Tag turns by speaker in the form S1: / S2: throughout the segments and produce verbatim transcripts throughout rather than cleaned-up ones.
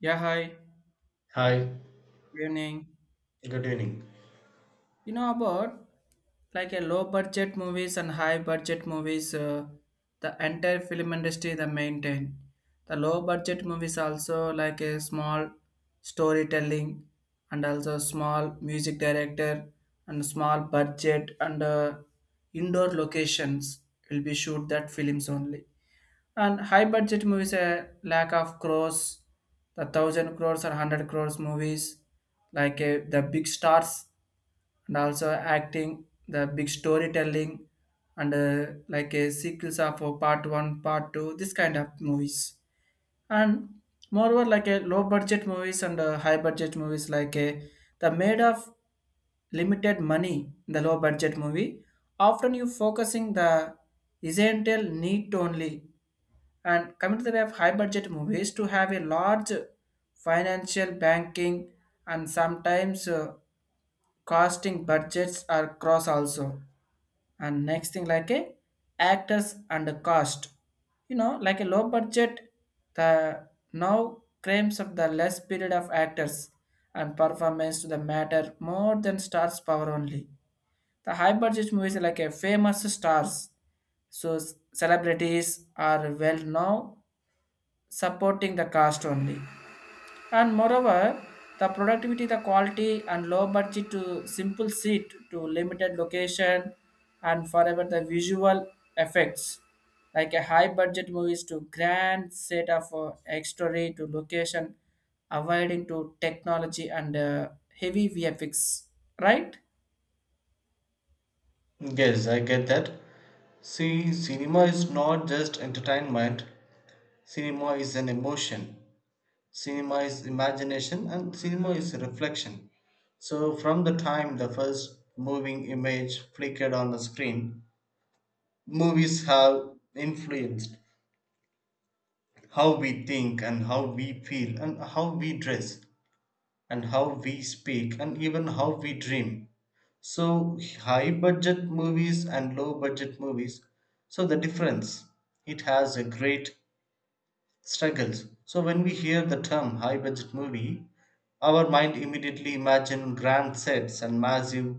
S1: Yeah, hi.
S2: Hi,
S1: Good evening.
S2: good evening.
S1: You know about like a low budget movies and high budget movies, uh, the entire film industry they maintain. The low budget movies also like a small storytelling and also small music director and small budget and uh, indoor locations will be shoot that films only. And high budget movies, a lack of crores, the thousand crores or hundred crores movies, like uh, the big stars and also acting, the big storytelling, and uh, like a sequels of uh, part one, part two, this kind of movies. And moreover, like a low budget movies and uh, high budget movies, like a the made of limited money in the low budget movie often you focusing the essential need only and coming to the way of high budget movies, to have a large financial banking and sometimes uh, costing budgets are cross also. And next thing like a actors and the cost. You know, like a low budget, the now claims of the less period of actors and performance to the matter more than stars power only. The high budget movies are like a famous stars so s- celebrities are well known supporting the cost only. And moreover, the productivity, the quality, and low budget to simple seat to limited location, and forever the visual effects like a high budget movies to grand set of uh, story to location, avoiding to technology and uh, heavy V F X, right?
S2: Yes, I get that. See, cinema is not just entertainment, cinema is an emotion, cinema is imagination, and cinema is reflection. So, from the time the first moving image flickered on the screen, movies have influenced how we think and how we feel and how we dress and how we speak and even how we dream. So high budget movies and low budget movies. So the difference it has a great struggles. So when we hear the term high budget movie, our mind immediately imagine grand sets and massive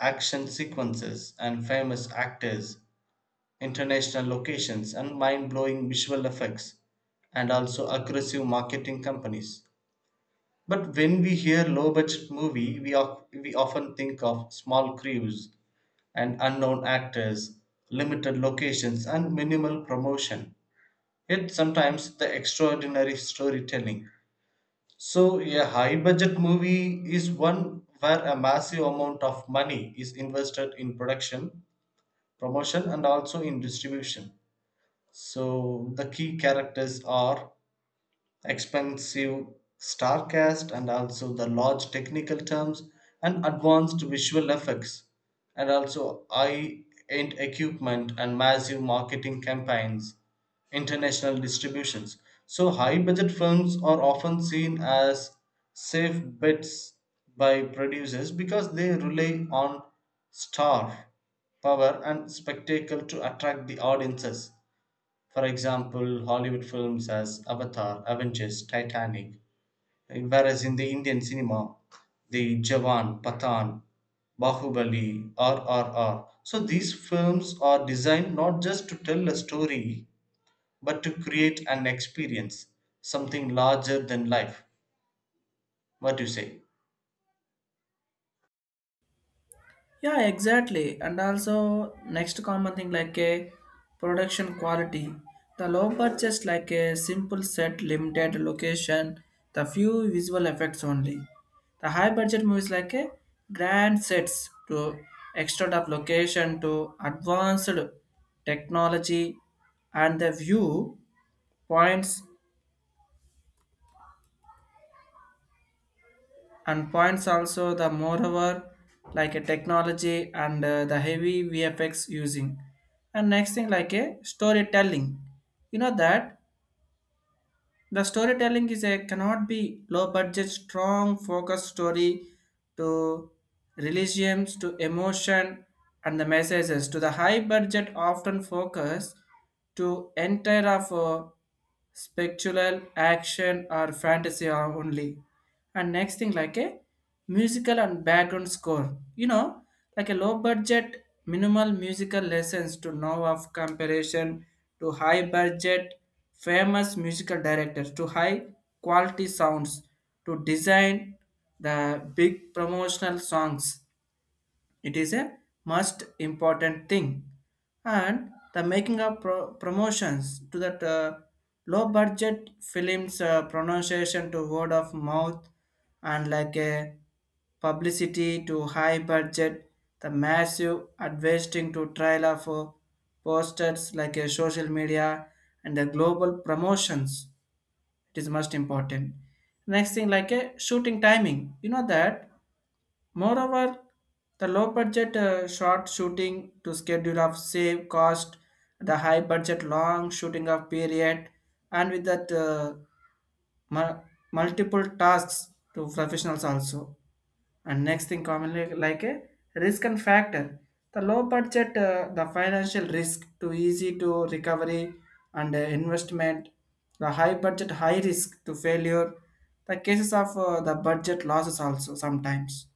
S2: action sequences and famous actors, international locations and mind-blowing visual effects and also aggressive marketing companies. But when we hear low budget movie, we, of, we often think of small crews and unknown actors, limited locations, and minimal promotion. Yet sometimes the extraordinary storytelling. So, a high budget movie is one where a massive amount of money is invested in production, promotion, and also in distribution. So, the key characters are expensive star cast and also the large technical terms and advanced visual effects and also high end equipment and massive marketing campaigns, international distributions. So, high budget films are often seen as safe bets by producers because they rely on star power and spectacle to attract the audiences, for example, Hollywood films as Avatar, Avengers, Titanic, whereas in the Indian cinema, the Jawan, Pathan, Bahubali, R R R. So these films are designed not just to tell a story, but to create an experience, something larger than life. What do you say?
S1: Yeah, exactly. And also, next common thing like a production quality. The low purchase like a simple set, limited location, the few visual effects only. The high budget movies like a grand sets to extent of location to advanced technology and the view points and points also the moreover like a technology and uh, the heavy vfx using and next thing like a storytelling you know that the storytelling is a cannot be low budget strong focus story to religions to emotion and the messages to the high budget often focus to entire of uh, spectral action or fantasy are only and next thing like a musical and background score you know like a low budget minimal musical lessons to know of comparison to high budget famous musical directors to high quality sounds to design the big promotional songs it is a most important thing. And the making of pro- promotions to that uh, low budget films uh, pronunciation to word of mouth and like a publicity to high budget, the massive advertising to trailer for posters like a social media and the global promotions. It is most important. Next thing like a shooting timing. You know that moreover, the low budget uh, short shooting to schedule of save cost, the high budget long shooting of period, and with that uh, mul- multiple tasks to professionals also. And next thing commonly like a risk and factor. The low budget, uh, the financial risk to easy to recovery and uh, investment. The high budget, high risk to failure. The cases of uh, the budget losses also sometimes,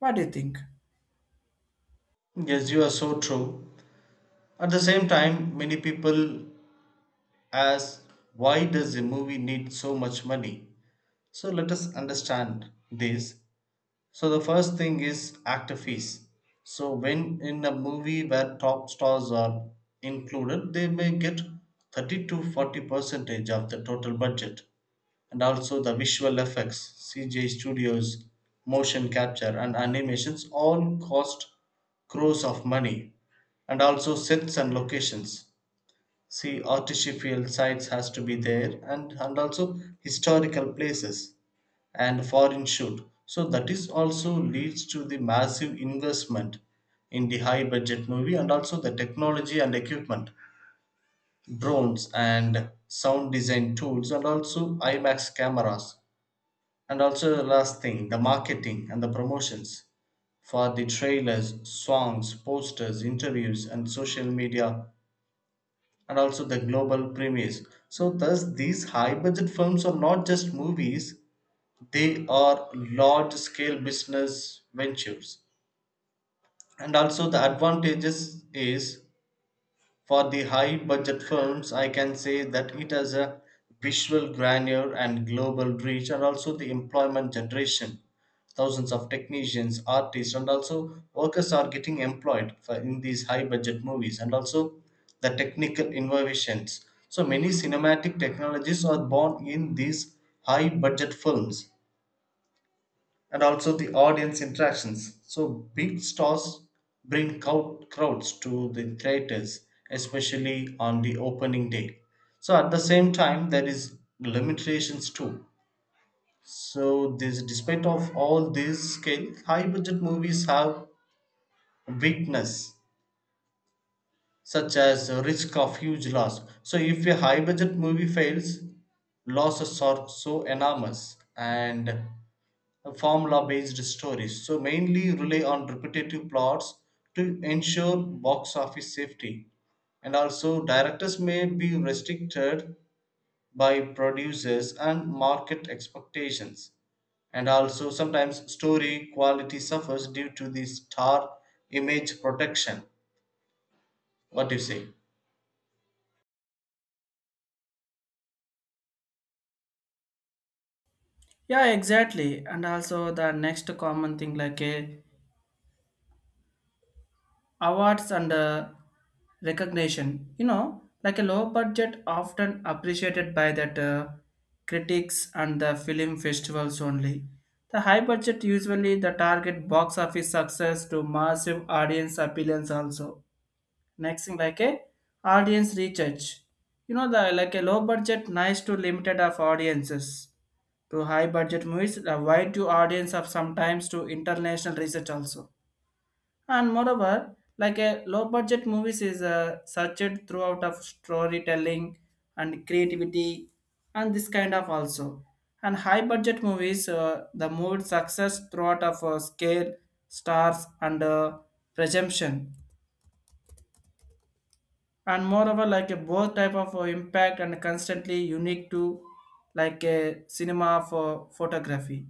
S1: what do you think?
S2: Yes, you are so true. At the same time, many people ask, why does a movie need so much money? So let us understand this. So the first thing is actor fees. So when in a movie where top stars are included, they may get thirty to forty percentage of the total budget, and also the visual effects, C J studios, motion capture, and animations all cost crores of money, and also sets and locations. See, artificial sites has to be there, and and also historical places and foreign should. So that is also leads to the massive investment in the high budget movie and also the technology and equipment, drones and sound design tools and also IMAX cameras. And also the last thing, the marketing and the promotions for the trailers, songs, posters, interviews, and social media, and also the global premieres. So, thus, these high budget films are not just movies, they are large scale business ventures, and also the advantages is for the high budget films, I can say that it has a visual grandeur and global reach, and also the employment generation, thousands of technicians, artists, and also workers are getting employed for in these high budget movies, and also the technical innovations, so many cinematic technologies are born in these high budget films, and also the audience interactions. So big stars bring crowd, crowds to the theaters, especially on the opening day. So at the same time, there is limitations too. So this, despite of all this scale, high budget movies have weakness such as risk of huge loss. So if a high budget movie fails, losses are so enormous, and formula-based stories, so mainly rely on repetitive plots to ensure box office safety. And also, directors may be restricted by producers and market expectations. And also, sometimes story quality suffers due to the star image protection. What do you say?
S1: Yeah, exactly. And also the next common thing like a awards and uh, recognition. You know, like a low budget often appreciated by that uh, critics and the film festivals only. The high budget usually the target box office success to massive audience appeals also. Next thing like a audience research. You know the like a low budget nice to limited of audiences to high budget movies, a wide to audience of sometimes to international research also. And moreover, like a low budget movies is uh, searched throughout of storytelling and creativity and this kind of also. And high budget movies, uh, the mood success throughout of uh, scale, stars and uh, presumption. And moreover, like a both type of uh, impact and constantly unique to like a cinema for photography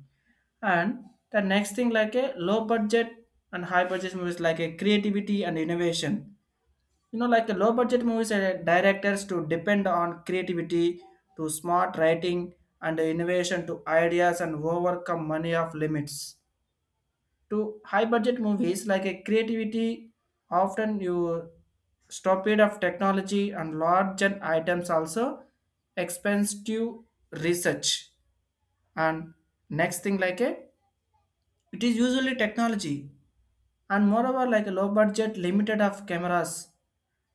S1: and the next thing like a low budget and high budget movies like a creativity and innovation, you know, like a low budget movies uh, directors to depend on creativity to smart writing and innovation to ideas and overcome money of limits to high budget movies like a creativity often you stop it of technology and large and items also expensive research and next thing like a it is usually technology and moreover like a low budget limited of cameras.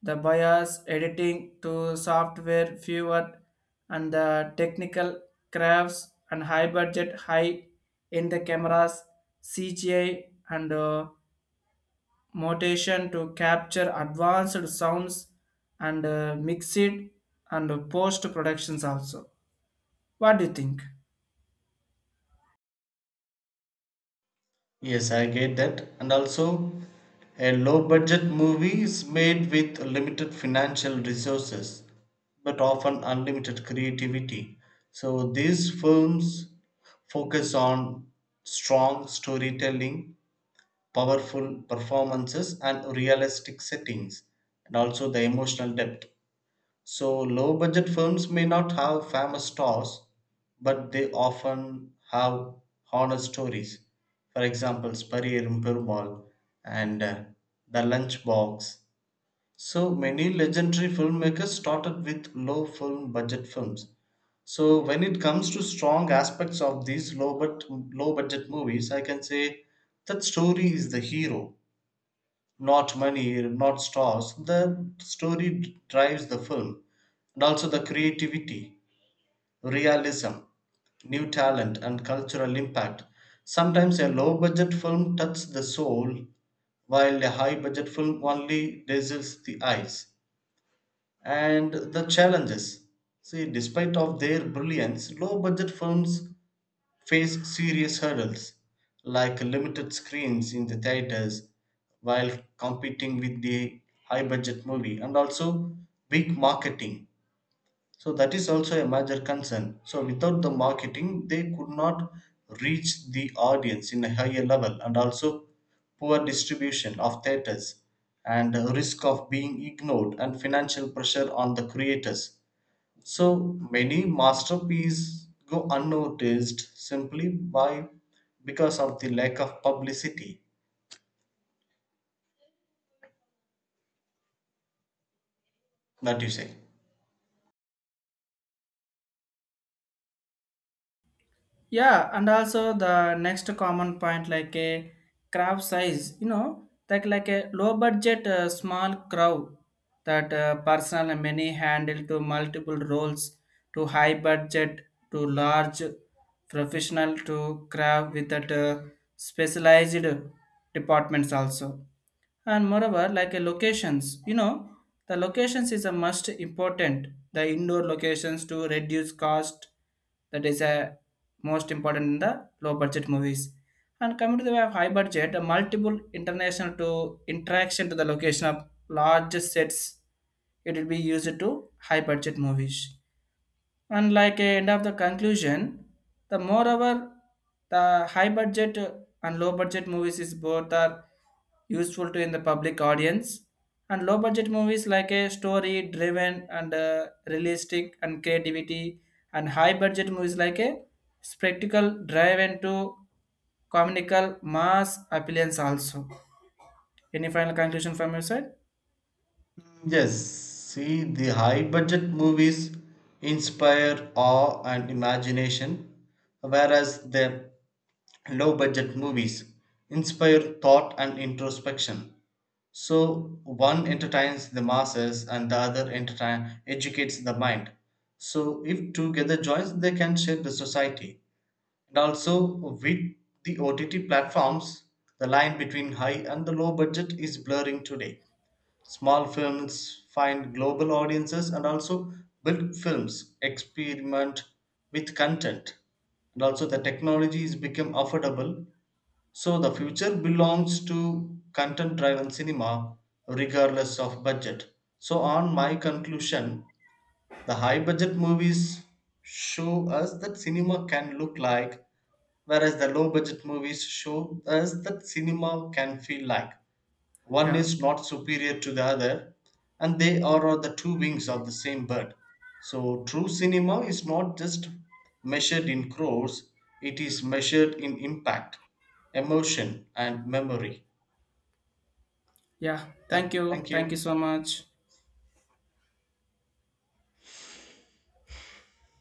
S1: The bias, editing to software, fewer and the technical crafts and high budget, high in the cameras, C G I and uh, motion to capture advanced sounds and uh, mix it and post productions also. What do you think?
S2: Yes, I get that. And also, a low budget movie is made with limited financial resources, but often unlimited creativity. So, these films focus on strong storytelling, powerful performances, and realistic settings, and also the emotional depth. So low budget films may not have famous stars, but they often have honest stories. For example, Spariyerum Perumal and uh, The Lunchbox. So many legendary filmmakers started with low film budget films. So when it comes to strong aspects of these low but low budget movies, I can say that story is the hero, not money, not stars. The story drives the film, and also the creativity, realism, new talent, and cultural impact. Sometimes a low budget film touches the soul, while a high budget film only dazzles the eyes. And the challenges. See, despite of their brilliance, low budget films face serious hurdles like limited screens in the theaters while competing with the high budget movie, and also big marketing, so that is also a major concern, so without the marketing they could not reach the audience in a higher level, and also poor distribution of theaters and risk of being ignored and financial pressure on the creators, so many masterpieces go unnoticed simply by because of the lack of publicity, that you say.
S1: Yeah, and also the next common point like a crowd size, you know, like like a low budget uh, small crowd that uh, personal and many handle to multiple roles to high budget to large professional to crowd with that uh, specialized departments also and moreover like a locations, you know, the locations is a must important, the indoor locations to reduce cost, that is a most important in the low budget movies and coming to the way of high budget a multiple international to interaction to the location of large sets it will be used to high budget movies and like a end of the conclusion, the moreover, the high budget and low budget movies is both are useful to in the public audience. And low budget movies like a story driven and uh, realistic and creativity, and high budget movies like a spectacle driven to comical mass appearance also. Any final conclusion from your side?
S2: Yes, see the high budget movies inspire awe and imagination, whereas the low budget movies inspire thought and introspection. So one entertains the masses and the other entertain educates the mind. So if together joins, they can shape the society. And also with the O T T platforms, the line between high and the low budget is blurring today. Small films find global audiences and also big films experiment with content. And also the technology is become affordable. So the future belongs to content driven cinema regardless of budget. So on my conclusion, the high budget movies show us that cinema can look like, whereas the low budget movies show us that cinema can feel like, one
S1: Yeah,
S2: is not superior to the other, and they are the two wings of the same bird. So, true cinema is not just measured in crores, it is measured in impact, emotion, and memory.
S1: yeah. Thank
S2: Tha-
S1: you.
S2: thank
S1: Thank you
S2: you.
S1: so much.